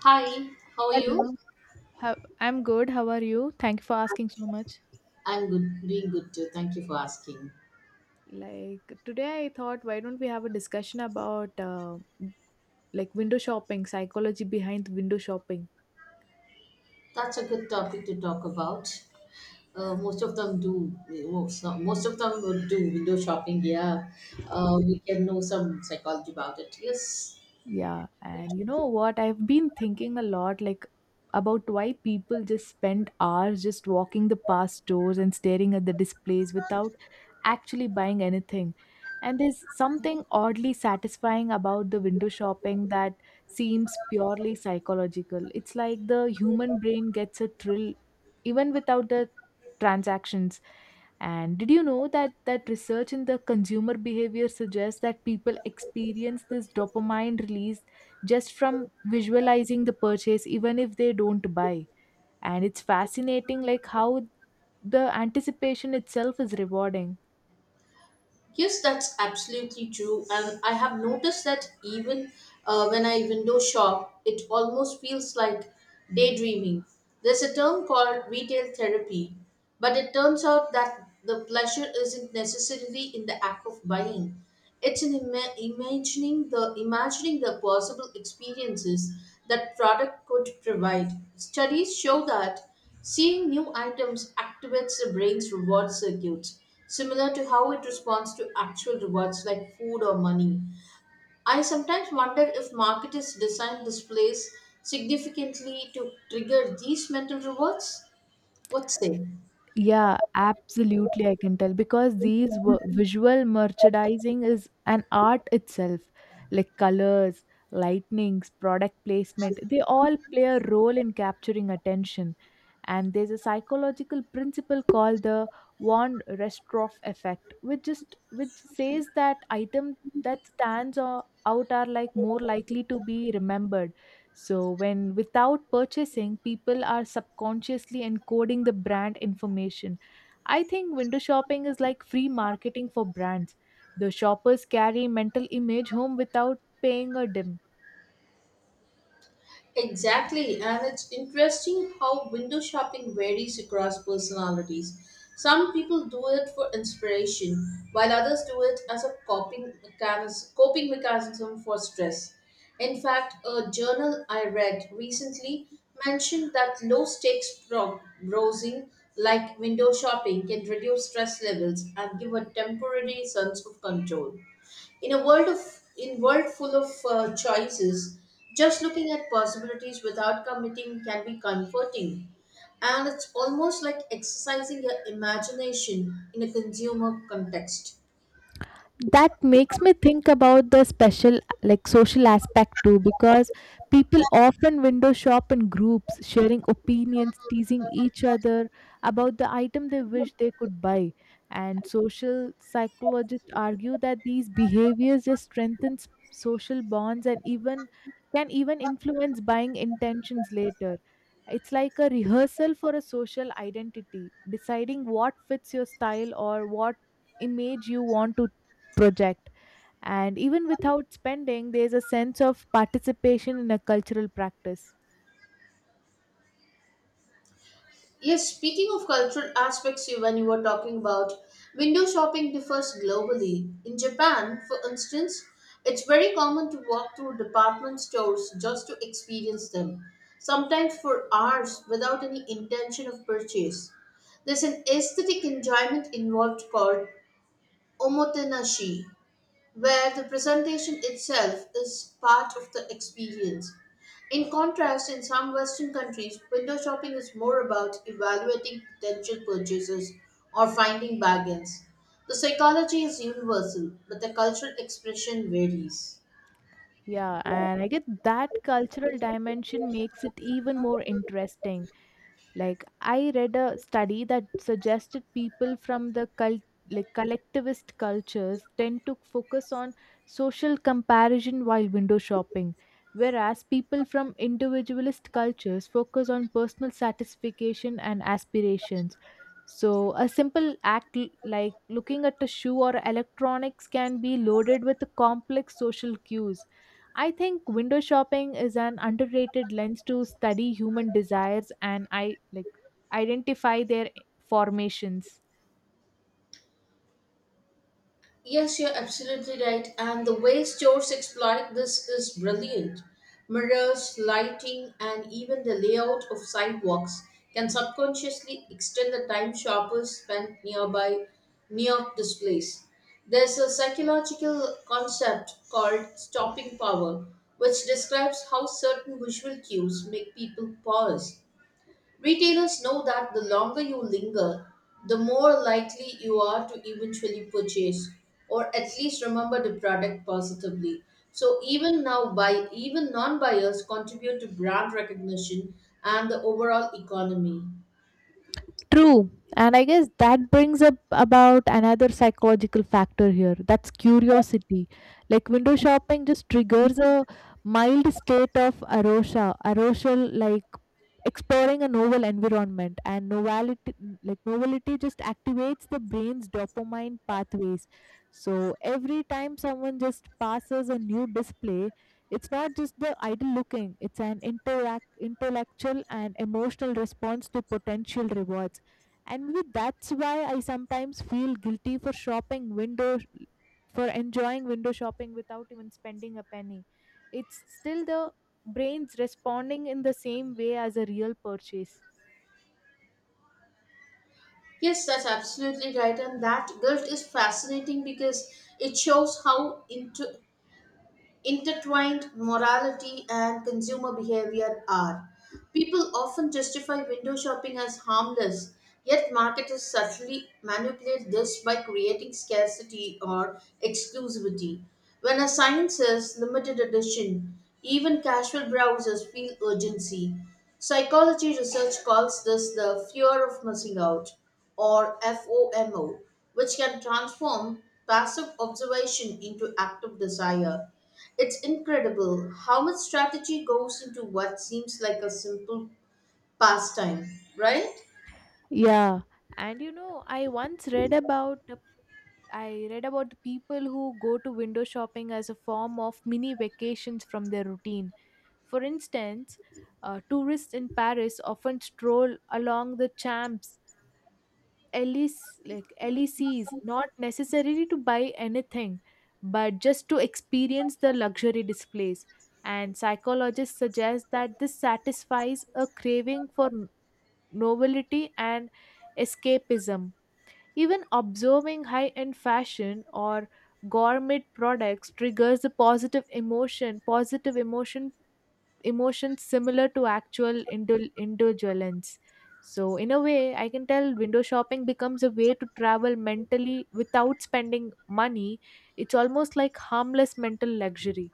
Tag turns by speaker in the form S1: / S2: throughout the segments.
S1: Hi, how are you?
S2: Hello. How, I'm good. How are you? Thank you for asking so much.
S1: I'm good, doing good too. Thank you for asking.
S2: Like today, I thought, why don't we have a discussion about like window shopping, psychology behind window shopping?
S1: That's a good topic to talk about. Most of them do. Most of them would do window shopping. Yeah, we can know some psychology about it. Yes.
S2: Yeah, and you know what? I've been thinking a lot, like about why people just spend hours just walking the past stores and staring at the displays without actually buying anything. And there's something oddly satisfying about the window shopping that seems purely psychological. It's like the human brain gets a thrill even without the transactions. And did you know that research in the consumer behavior suggests that people experience this dopamine release just from visualizing the purchase even if they don't buy? And it's fascinating like how the anticipation itself is rewarding.
S1: Yes, that's absolutely true. And I have noticed that even when I window shop, it almost feels like daydreaming. There's a term called retail therapy, but it turns out that the pleasure isn't necessarily in the act of buying. It's in imagining the possible experiences that product could provide. Studies show that seeing new items activates the brain's reward circuits, similar to how it responds to actual rewards like food or money. I sometimes wonder if marketers design displays significantly to trigger these mental rewards. What say?
S2: Yeah, absolutely. I can tell because visual merchandising is an art itself, like colors, lightnings, product placement, they all play a role in capturing attention. And there's a psychological principle called the von Restroff effect, which says that item that stands out are like more likely to be remembered, so when without purchasing, people are subconsciously encoding the brand information. I think window shopping is like free marketing for brands. The shoppers carry mental image home without paying a dim.
S1: Exactly, and it's interesting how window shopping varies across personalities. Some people do it for inspiration, while others do it as a coping mechanism for stress. In fact, a journal I read recently mentioned that low stakes browsing, like window shopping, can reduce stress levels and give a temporary sense of control. In a world of in world full of choices, just looking at possibilities without committing can be comforting, and it's almost like exercising your imagination in a consumer context.
S2: That makes me think about the special like social aspect too, because people often window shop in groups sharing opinions, teasing each other about the item they wish they could buy. And social psychologists argue that these behaviors just strengthens social bonds and even can even influence buying intentions later. It's like a rehearsal for a social identity, deciding what fits your style or what image you want to project. And even without spending there's a sense of participation in a cultural practice.
S1: Yes, speaking of cultural aspects, when you were talking about window shopping differs globally. In Japan, for instance, it's very common to walk through department stores just to experience them, sometimes for hours without any intention of purchase. There's an aesthetic enjoyment involved called omotenashi, where the presentation itself is part of the experience. In contrast, in some Western countries, window shopping is more about evaluating potential purchases or finding bargains. The psychology is universal, but the cultural expression varies.
S2: Yeah, and I get that cultural dimension makes it even more interesting. Like I read a study that suggested people from the cult like collectivist cultures tend to focus on social comparison while window shopping, whereas people from individualist cultures focus on personal satisfaction and aspirations. So, a simple act like looking at a shoe or electronics can be loaded with complex social cues. I think window shopping is an underrated lens to study human desires and I like identify their formations.
S1: Yes, you're absolutely right. And the way stores exploit this is brilliant. Mirrors, lighting, and even the layout of sidewalks can subconsciously extend the time shoppers spend near displays. There's a psychological concept called stopping power, which describes how certain visual cues make people pause. Retailers know that the longer you linger, the more likely you are to eventually purchase or at least remember the product positively. So even now buy even non-buyers contribute to brand recognition and the overall economy.
S2: True. And I guess that brings up about another psychological factor here. That's curiosity. Like window shopping just triggers a mild state of arousal, like exploring a novel environment and novelty, just activates the brain's dopamine pathways. So every time someone just passes a new display, it's not just the idle looking, it's an interact intellectual and emotional response to potential rewards. And maybe that's why I sometimes feel guilty for shopping window, for enjoying window shopping without even spending a penny. It's still the brain's responding in the same way as a real purchase.
S1: Yes, that's absolutely right, and that guilt is fascinating because it shows how into intertwined morality and consumer behavior are. People often justify window shopping as harmless, yet marketers subtly manipulate this by creating scarcity or exclusivity. When a sign says limited edition, even casual browsers feel urgency. Psychology research calls this the fear of missing out, or FOMO, which can transform passive observation into active desire. It's incredible how much strategy goes into what seems like a simple pastime, right?
S2: Yeah, and you know, I read about the people who go to window shopping as a form of mini vacations from their routine. For instance, tourists in Paris often stroll along the champs LEC, like LECs, not necessarily to buy anything, but just to experience the luxury displays. And psychologists suggest that this satisfies a craving for novelty and escapism. Even observing high end fashion or gourmet products triggers the positive emotions similar to actual indulgence. So, in a way, I can tell window shopping becomes a way to travel mentally without spending money. It's almost like harmless mental luxury.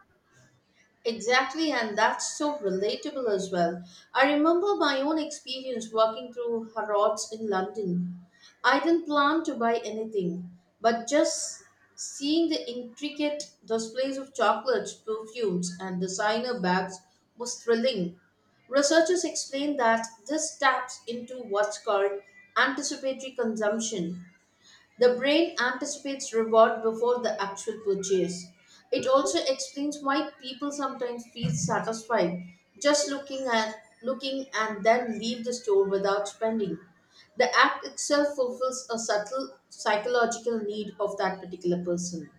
S1: Exactly, and that's so relatable as well. I remember my own experience walking through Harrods in London. I didn't plan to buy anything, but just seeing the intricate displays of chocolates, perfumes, and designer bags was thrilling. Researchers explain that this taps into what's called anticipatory consumption. The brain anticipates reward before the actual purchase. It also explains why people sometimes feel satisfied just looking and then leave the store without spending. The act itself fulfills a subtle psychological need of that particular person.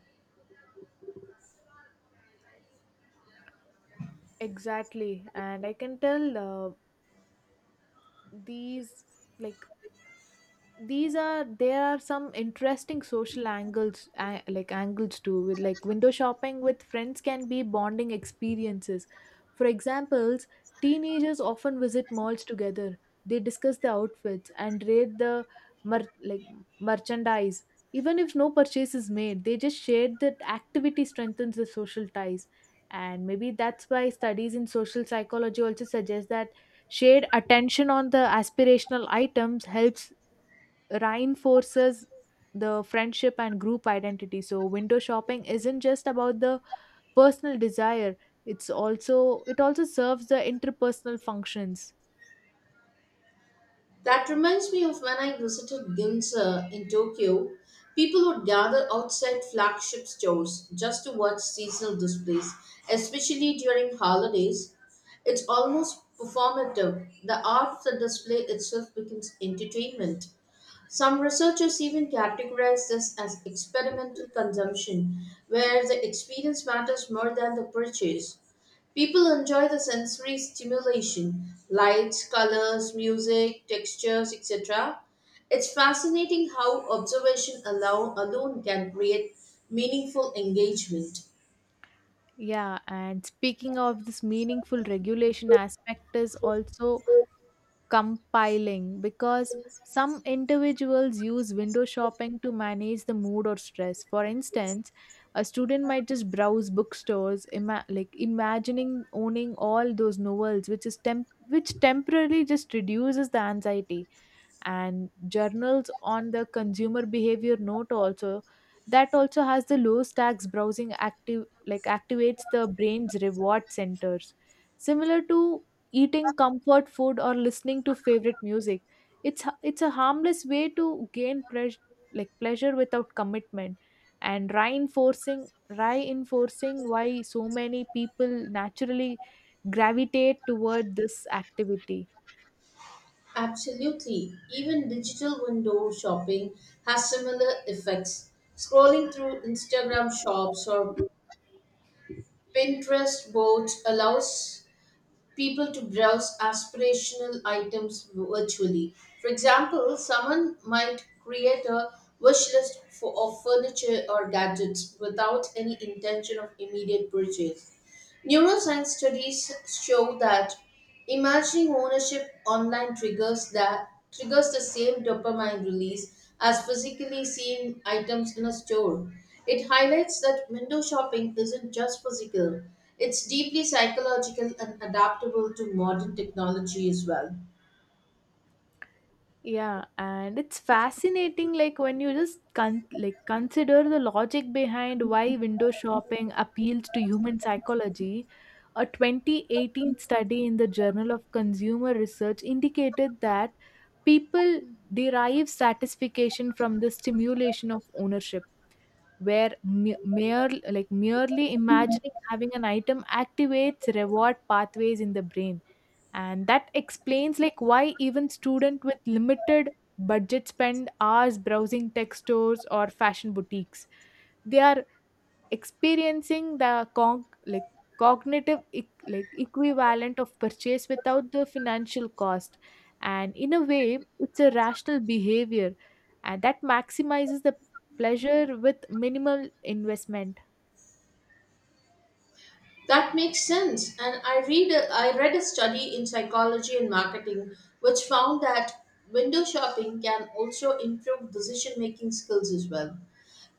S2: Exactly. And I can tell these like these are there are some interesting social angles like angles too. With like window shopping with friends can be bonding experiences. For examples, teenagers often visit malls together. They discuss the outfits and rate the mer- like merchandise. Even if no purchase is made, they just shared that activity strengthens the social ties. And maybe that's why studies in social psychology also suggest that shared attention on the aspirational items helps reinforces the friendship and group identity. So window shopping isn't just about the personal desire, it also serves the interpersonal functions.
S1: That reminds me of when I visited Ginza in Tokyo. People would gather outside flagship stores just to watch seasonal displays, especially during holidays. It's almost performative. The art of the display itself becomes entertainment. Some researchers even categorize this as experimental consumption, where the experience matters more than the purchase. People enjoy the sensory stimulation lights, colors, music, textures, etc. It's fascinating how alone can create meaningful engagement.
S2: Yeah, and speaking of this meaningful regulation aspect is also compiling, because some individuals use window shopping to manage the mood or stress. For instance, a student might just browse bookstores, imagining owning all those novels, which temporarily just reduces the anxiety. And journals on the consumer behavior note also that also has the low stacks browsing active like activates the brain's reward centers, similar to eating comfort food or listening to favorite music. It's it's a harmless way to gain pleasure, like pleasure without commitment, and reinforcing why so many people naturally gravitate toward this activity.
S1: Absolutely. Even digital window shopping has similar effects. Scrolling through Instagram shops or Pinterest boards allows people to browse aspirational items virtually. For example, someone might create a wish list for of furniture or gadgets without any intention of immediate purchase. Neuroscience studies show that Imagining ownership online triggers that triggers the same dopamine release as physically seeing items in a store. It highlights that window shopping isn't just physical, it's deeply psychological and adaptable to modern technology as well.
S2: Yeah, and it's fascinating like when you just consider the logic behind why window shopping appeals to human psychology. A 2018 study in the Journal of Consumer Research indicated that people derive satisfaction from the stimulation of ownership, where merely imagining having an item activates reward pathways in the brain. And that explains like why even student with limited budget spend hours browsing tech stores or fashion boutiques. They are experiencing the cognitive equivalent of purchase without the financial cost. And in a way it's a rational behavior, and that maximizes the pleasure with minimal investment.
S1: That makes sense. And I read a study in psychology and marketing which found that window shopping can also improve decision making skills as well.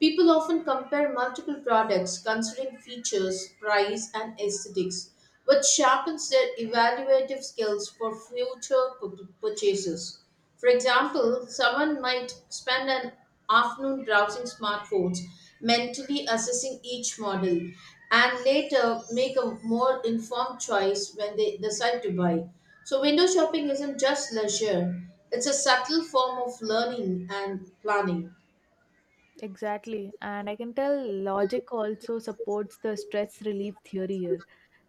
S1: People often compare multiple products considering features, price, and aesthetics, which sharpens their evaluative skills for future purchases. For example, someone might spend an afternoon browsing smartphones, mentally assessing each model, and later make a more informed choice when they decide to buy. So, window shopping isn't just leisure, it's a subtle form of learning and planning.
S2: Exactly, and I can tell logic also supports the stress relief theory here,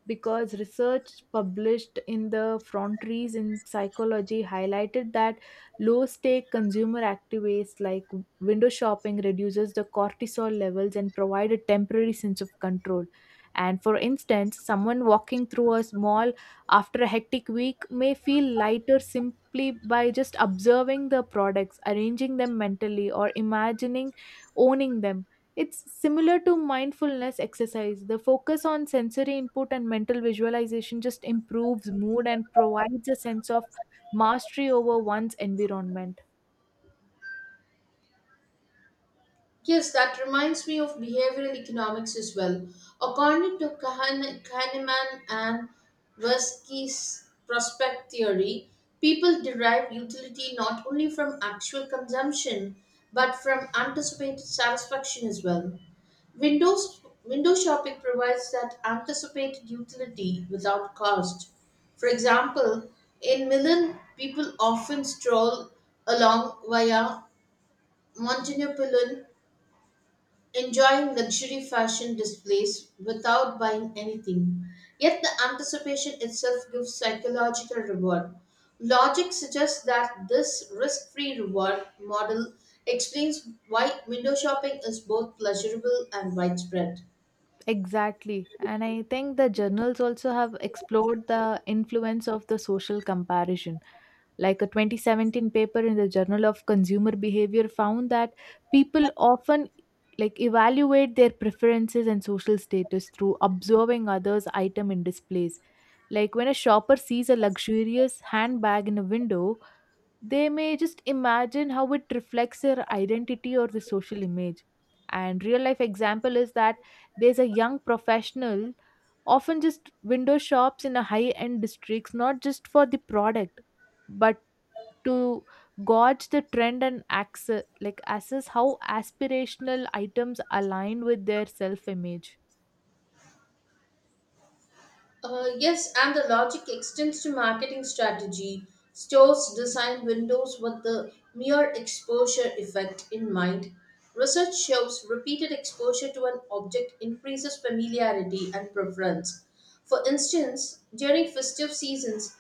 S2: because research published in the Frontiers in Psychology highlighted that low stake consumer activities like window shopping reduces the cortisol levels and provide a temporary sense of control. And for instance, someone walking through a mall after a hectic week may feel lighter simply by just observing the products, arranging them mentally, or imagining owning them. It's similar to mindfulness exercise. The focus on sensory input and mental visualization just improves mood and provides a sense of mastery over one's environment.
S1: Yes, that reminds me of behavioral economics as well. According to Kahneman and Tversky's prospect theory, people derive utility not only from actual consumption but from anticipated satisfaction as well. Window shopping provides that anticipated utility without cost. For example, in Milan, people often stroll along via Montenepulin enjoying luxury fashion displays without buying anything. Yet the anticipation itself gives psychological reward. Logic suggests that this risk free reward model explains why window shopping is both pleasurable and widespread.
S2: Exactly. And I think the journals also have explored the influence of the social comparison. Like a 2017 paper in the Journal of Consumer Behavior found that people often like evaluate their preferences and social status through observing others' item in displays. Like when a shopper sees a luxurious handbag in a window, they may just imagine how it reflects their identity or the social image. And real life example is that there's a young professional often just window shops in a high end districts, not just for the product, but to gauge the trend and access like assess how aspirational items align with their self image.
S1: Yes, and the logic extends to marketing strategy. Stores design windows with the mere exposure effect in mind. Research shows repeated exposure to an object increases familiarity and preference. For instance, during festive seasons,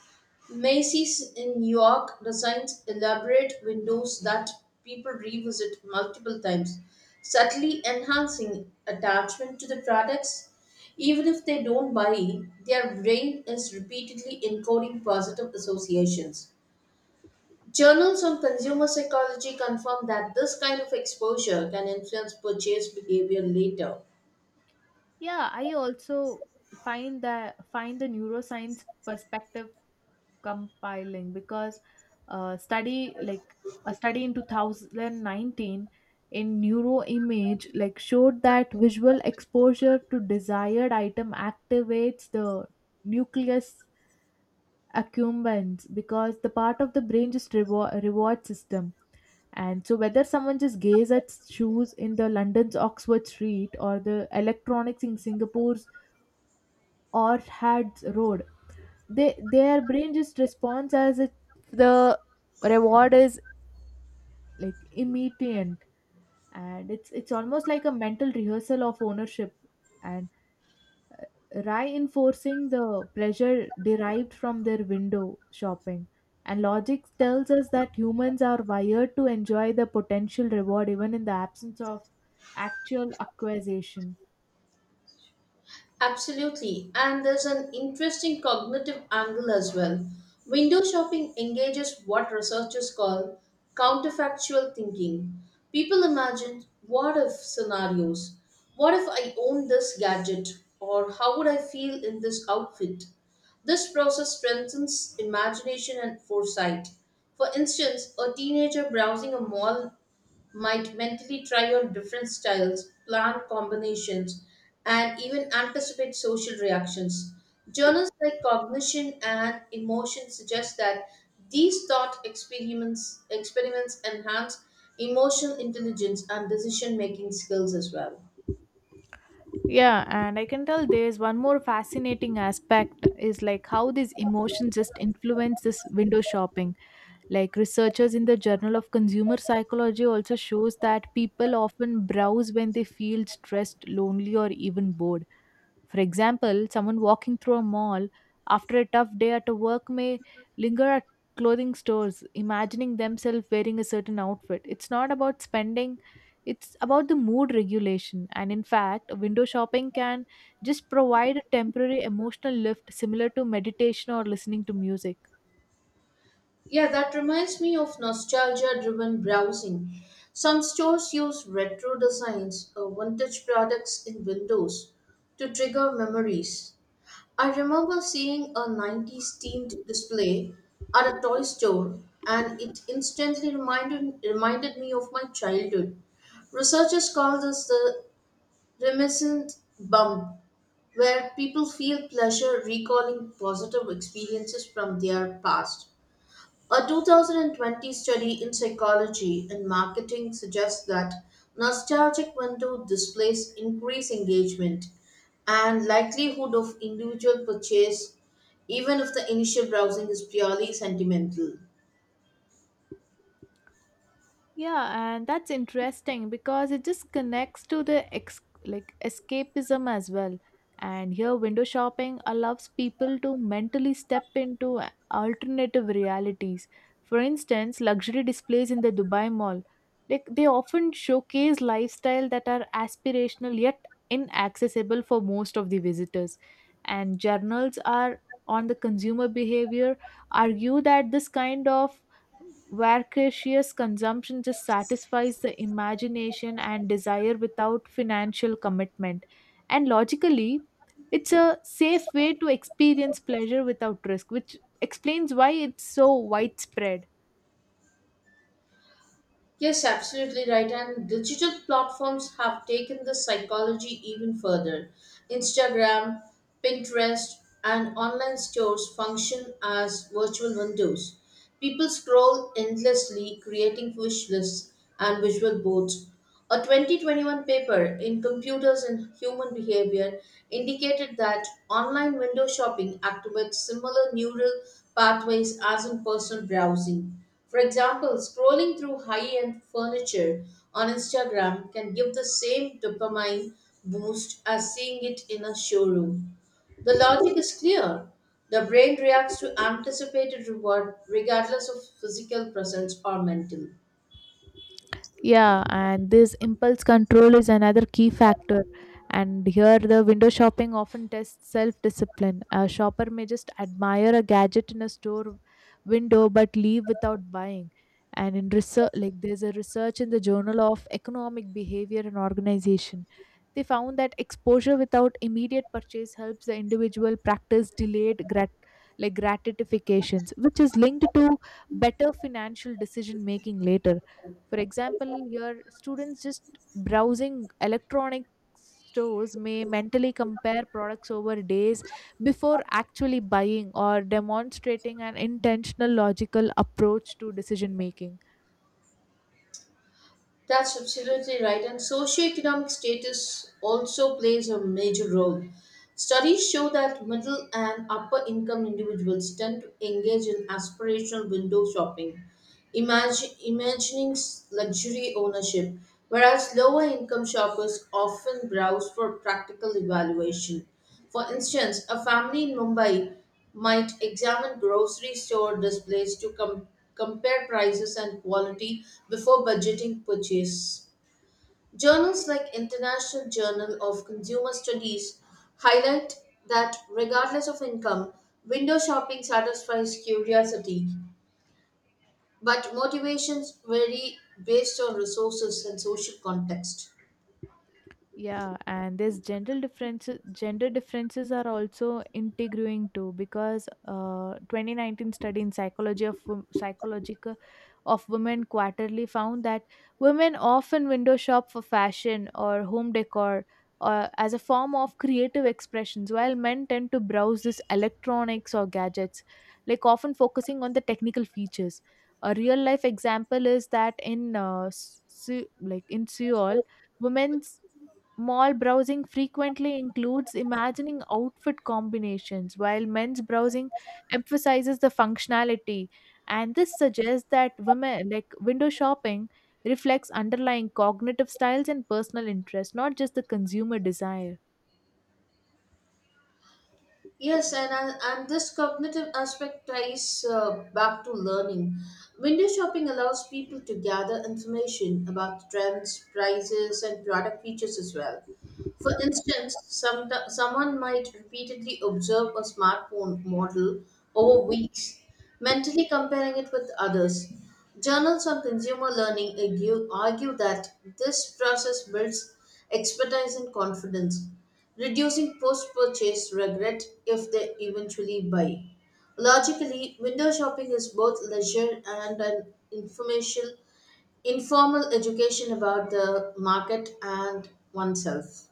S1: Macy's in New York designs elaborate windows that people revisit multiple times, subtly enhancing attachment to the products. Even if they don't buy, their brain is repeatedly encoding positive associations. Journals on consumer psychology confirm that this kind of exposure can influence purchase behavior later.
S2: Yeah, I also find the neuroscience perspective compiling, because study like a study in 2019 in neuroimage like showed that visual exposure to desired item activates the nucleus accumbens, because the part of the brain just reward system. And so whether someone just gaze at shoes in the London's Oxford Street or the electronics in Singapore's Orchard's Road, they their brain just responds as if the reward is like immediate. And it's almost like a mental rehearsal of ownership, and reinforcing the pleasure derived from their window shopping. And logic tells us that humans are wired to enjoy the potential reward even in the absence of actual acquisition.
S1: Absolutely. And there's an interesting cognitive angle as well. Window shopping engages what researchers call counterfactual thinking. People imagine what if scenarios. What if I own this gadget? Or how would I feel in this outfit? This process strengthens imagination and foresight. For instance, a teenager browsing a mall might mentally try on different styles, plan combinations, and even anticipate social reactions. Journals like Cognition and Emotion suggest that these experiments enhance emotional intelligence and decision making skills as well.
S2: Yeah, and I can tell there's one more fascinating aspect is like how these emotions just influence this window shopping. Like researchers in the Journal of Consumer Psychology also shows that people often browse when they feel stressed, lonely, or even bored. For example, someone walking through a mall after a tough day at work may linger at clothing stores, imagining themselves wearing a certain outfit. It's not about spending, it's about the mood regulation. And in fact, window shopping can just provide a temporary emotional lift similar to meditation or listening to music.
S1: Yeah, that reminds me of nostalgia driven browsing. Some stores use retro designs or vintage products in windows to trigger memories. I remember seeing a 90s themed display at a toy store, and it reminded me of my childhood. Researchers call this the reminiscent bump, where people feel pleasure recalling positive experiences from their past. A 2020 study in psychology and marketing suggests that nostalgic window displays increase engagement and likelihood of individual purchase even if the initial browsing is purely sentimental.
S2: Yeah, and that's interesting because it just connects to the escapism as well. And here, window shopping allows people to mentally step into alternative realities. For instance, luxury displays in the Dubai Mall, like they often showcase lifestyle that are aspirational yet inaccessible for most of the visitors. And journals are on the consumer behavior argue that this kind of voracious consumption just satisfies the imagination and desire without financial commitment. And logically, it's a safe way to experience pleasure without risk, which explains why it's so widespread.
S1: Yes, absolutely right. And digital platforms have taken the psychology even further. Instagram, Pinterest, and online stores function as virtual windows. People scroll endlessly, creating wish lists and visual boards. A 2021 paper in Computers and Human Behavior indicated that online window shopping activates similar neural pathways as in person browsing. For example, scrolling through high end furniture on Instagram can give the same dopamine boost as seeing it in a showroom. The logic is clear. The brain reacts to anticipated reward regardless of physical presence or mental.
S2: Yeah, and this impulse control is another key factor. And here, the window shopping often tests self discipline. A shopper may just admire a gadget in a store window but leave without buying. And in research, like there's a research in the Journal of Economic Behavior and Organization. They found that exposure without immediate purchase helps the individual practice delayed gratifications, which is linked to better financial decision making later. For example, your students just browsing electronic stores may mentally compare products over days before actually buying, or demonstrating an intentional logical approach to decision making.
S1: That's absolutely right. And socioeconomic status also plays a major role. Studies show that middle and upper income individuals tend to engage in aspirational window shopping, imagining luxury ownership, whereas lower income shoppers often browse for practical evaluation. For instance, a family in Mumbai might examine grocery store displays to compare prices and quality before budgeting purchase. Journals like International Journal of Consumer Studies highlight that regardless of income, window shopping satisfies curiosity but motivations vary based on resources and social context.
S2: Yeah, and there's gender differences. Gender differences are also intriguing too, because 2019 study in psychological of women quarterly found that women often window shop for fashion or home decor or as a form of creative expressions, while men tend to browse this electronics or gadgets, like often focusing on the technical features. A real life example is that in in Seoul women's mall browsing frequently includes imagining outfit combinations, while men's browsing emphasizes the functionality. And this suggests that women like window shopping reflects underlying cognitive styles and personal interests, not just the consumer desire.
S1: Yes, and, and this cognitive aspect ties back to learning. Window shopping allows people to gather information about trends, prices, and product features as well. For instance, someone might repeatedly observe a smartphone model over weeks, mentally comparing it with others. Journals on consumer learning argue that this process builds expertise and confidence reducing post purchase regret if they eventually buy. Logically, window shopping is both leisure and an informal education about the market and oneself.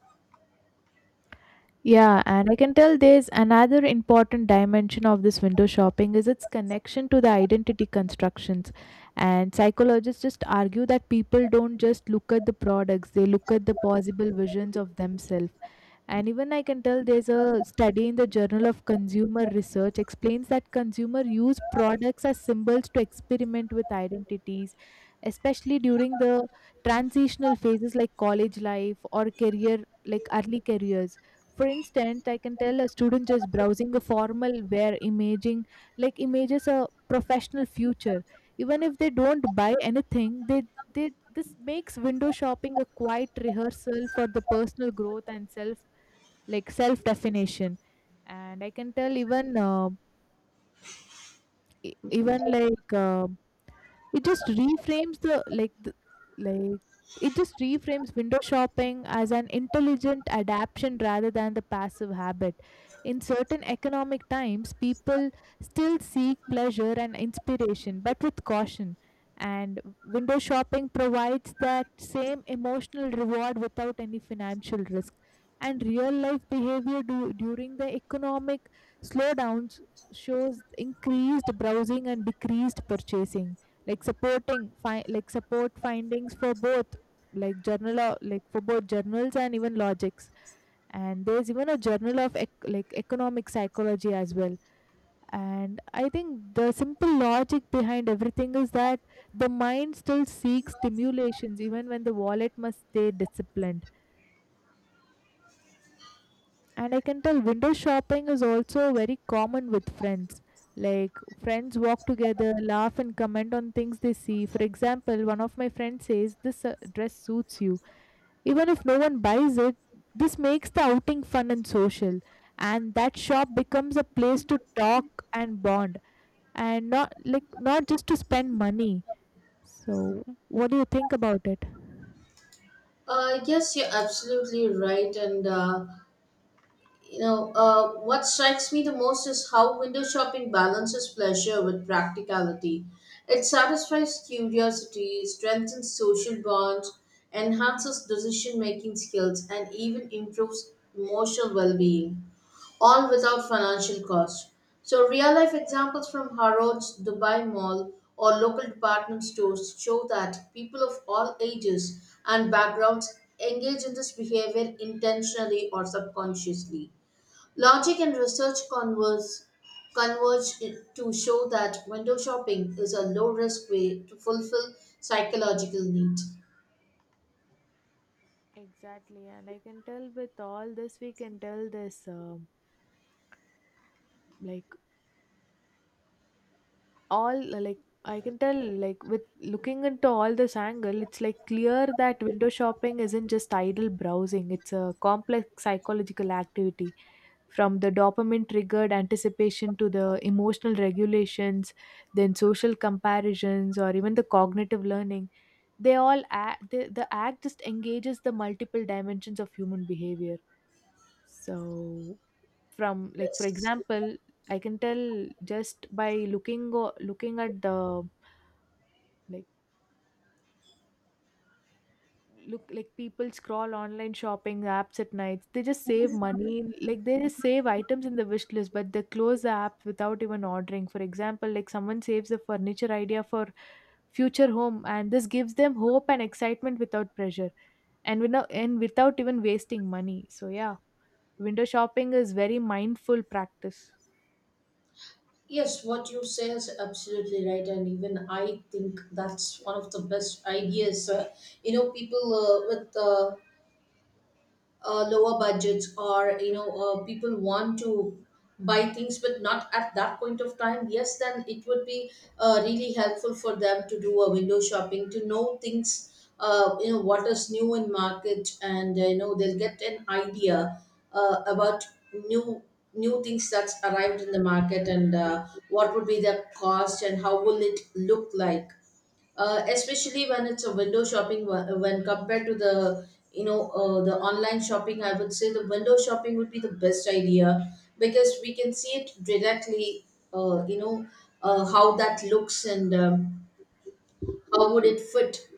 S2: Yeah, and I can tell there's another important dimension of this window shopping is its connection to the identity constructions. And psychologists just argue that people don't just look at the products, they look at the possible visions of themselves. And even I can tell there's a study in the Journal of Consumer Research explains that consumer use products as symbols to experiment with identities, especially during the transitional phases like college life or career, like early careers. For instance, I can tell a student just browsing a formal wear imaging, like images a professional future. Even if they don't buy anything, they this makes window shopping a quiet rehearsal for the personal growth and self like self definition. And I can tell even e- even like uh, it just reframes the, like it just reframes window shopping as an intelligent adaptation rather than the passive habit. In certain economic times, people still seek pleasure and inspiration, but with caution. And window shopping provides that same emotional reward without any financial risk. And real life behavior during the economic slowdowns shows increased browsing and decreased purchasing, like supporting support findings for both like for both journals and even logics. And there's even a journal of economic psychology as well. And I think the simple logic behind everything is that the mind still seeks stimulations even when the wallet must stay disciplined. And I can tell window shopping is also very common with friends. Like friends walk together, laugh, and comment on things they see. For example, one of my friends says, "This dress suits you." Even if no one buys it, this makes the outing fun and social. And that shop becomes a place to talk and bond, and not just to spend money. So, what do you think about it?
S1: Yes, you're absolutely right, and you know, what strikes me the most is how window shopping balances pleasure with practicality. It satisfies curiosity, strengthens social bonds, enhances decision making skills, and even improves emotional well being, all without financial cost. So, real life examples from Harrods, Dubai Mall, or local department stores show that people of all ages and backgrounds engage in this behavior intentionally or subconsciously. Logic and research converge to show that window shopping is a low risk way to fulfill psychological need.
S2: Exactly, and I can tell with all this, we can tell this. Like all like I can tell like With looking into all this angle, it's like clear that window shopping isn't just idle browsing, it's a complex psychological activity, from the dopamine triggered anticipation to the emotional regulations, then social comparisons or even the cognitive learning. They all act the act just engages the multiple dimensions of human behavior. So from like for
S1: Yes.
S2: example, I can tell just by looking at the like look like people scroll online shopping apps at night, they just save money, like they just save items in the wish list, but they close the app without even ordering. For example, like someone saves a furniture idea for future home and this gives them hope and excitement without pressure, and without even wasting money. So yeah, window shopping is very mindful practice.
S1: Yes, what you say is absolutely right, and even I think that's one of the best ideas. You know, people with lower budgets, or you know, people want to buy things but not at that point of time. Yes, then it would be really helpful for them to do a window shopping to know things, you know, what is new in market. And you know, they'll get an idea about new new things that's arrived in the market, and what would be the cost and how will it look like, especially when it's a window shopping when compared to the, you know, the online shopping. I would say the window shopping would be the best idea, because we can see it directly. You know, how that looks, and how would it fit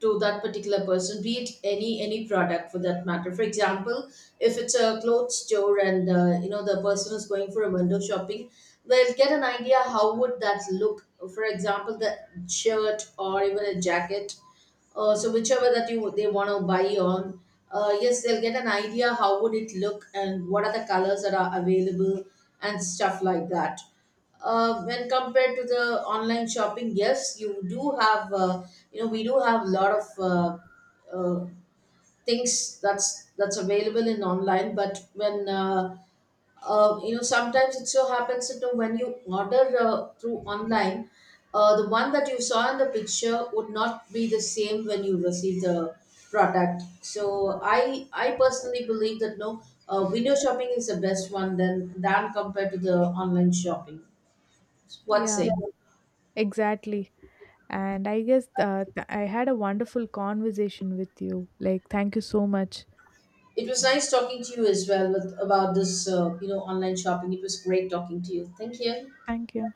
S1: to that particular person, be it any product for that matter. For example, if it's a clothes store and, you know, the person is going for a window shopping, they'll get an idea how would that look, for example, the shirt or even a jacket. So, whichever that you they want to buy on, yes, they'll get an idea how would it look and what are the colors that are available, and stuff like that. When compared to the online shopping, yes, you do have, you know, we do have a lot of, uh, things that's available in online. But when, you know, sometimes it so happens that, you know, when you order through online, the one that you saw in the picture would not be the same when you receive the product. So, I personally believe that, no, window shopping is the best one than compared to the online shopping. What say?
S2: Yeah,
S1: Yeah.
S2: exactly. And I guess I had a wonderful conversation with you. Like, thank you so much.
S1: It was nice talking to you as well with, about this, you know, online shopping. It was great talking to you. Thank you.
S2: Thank you.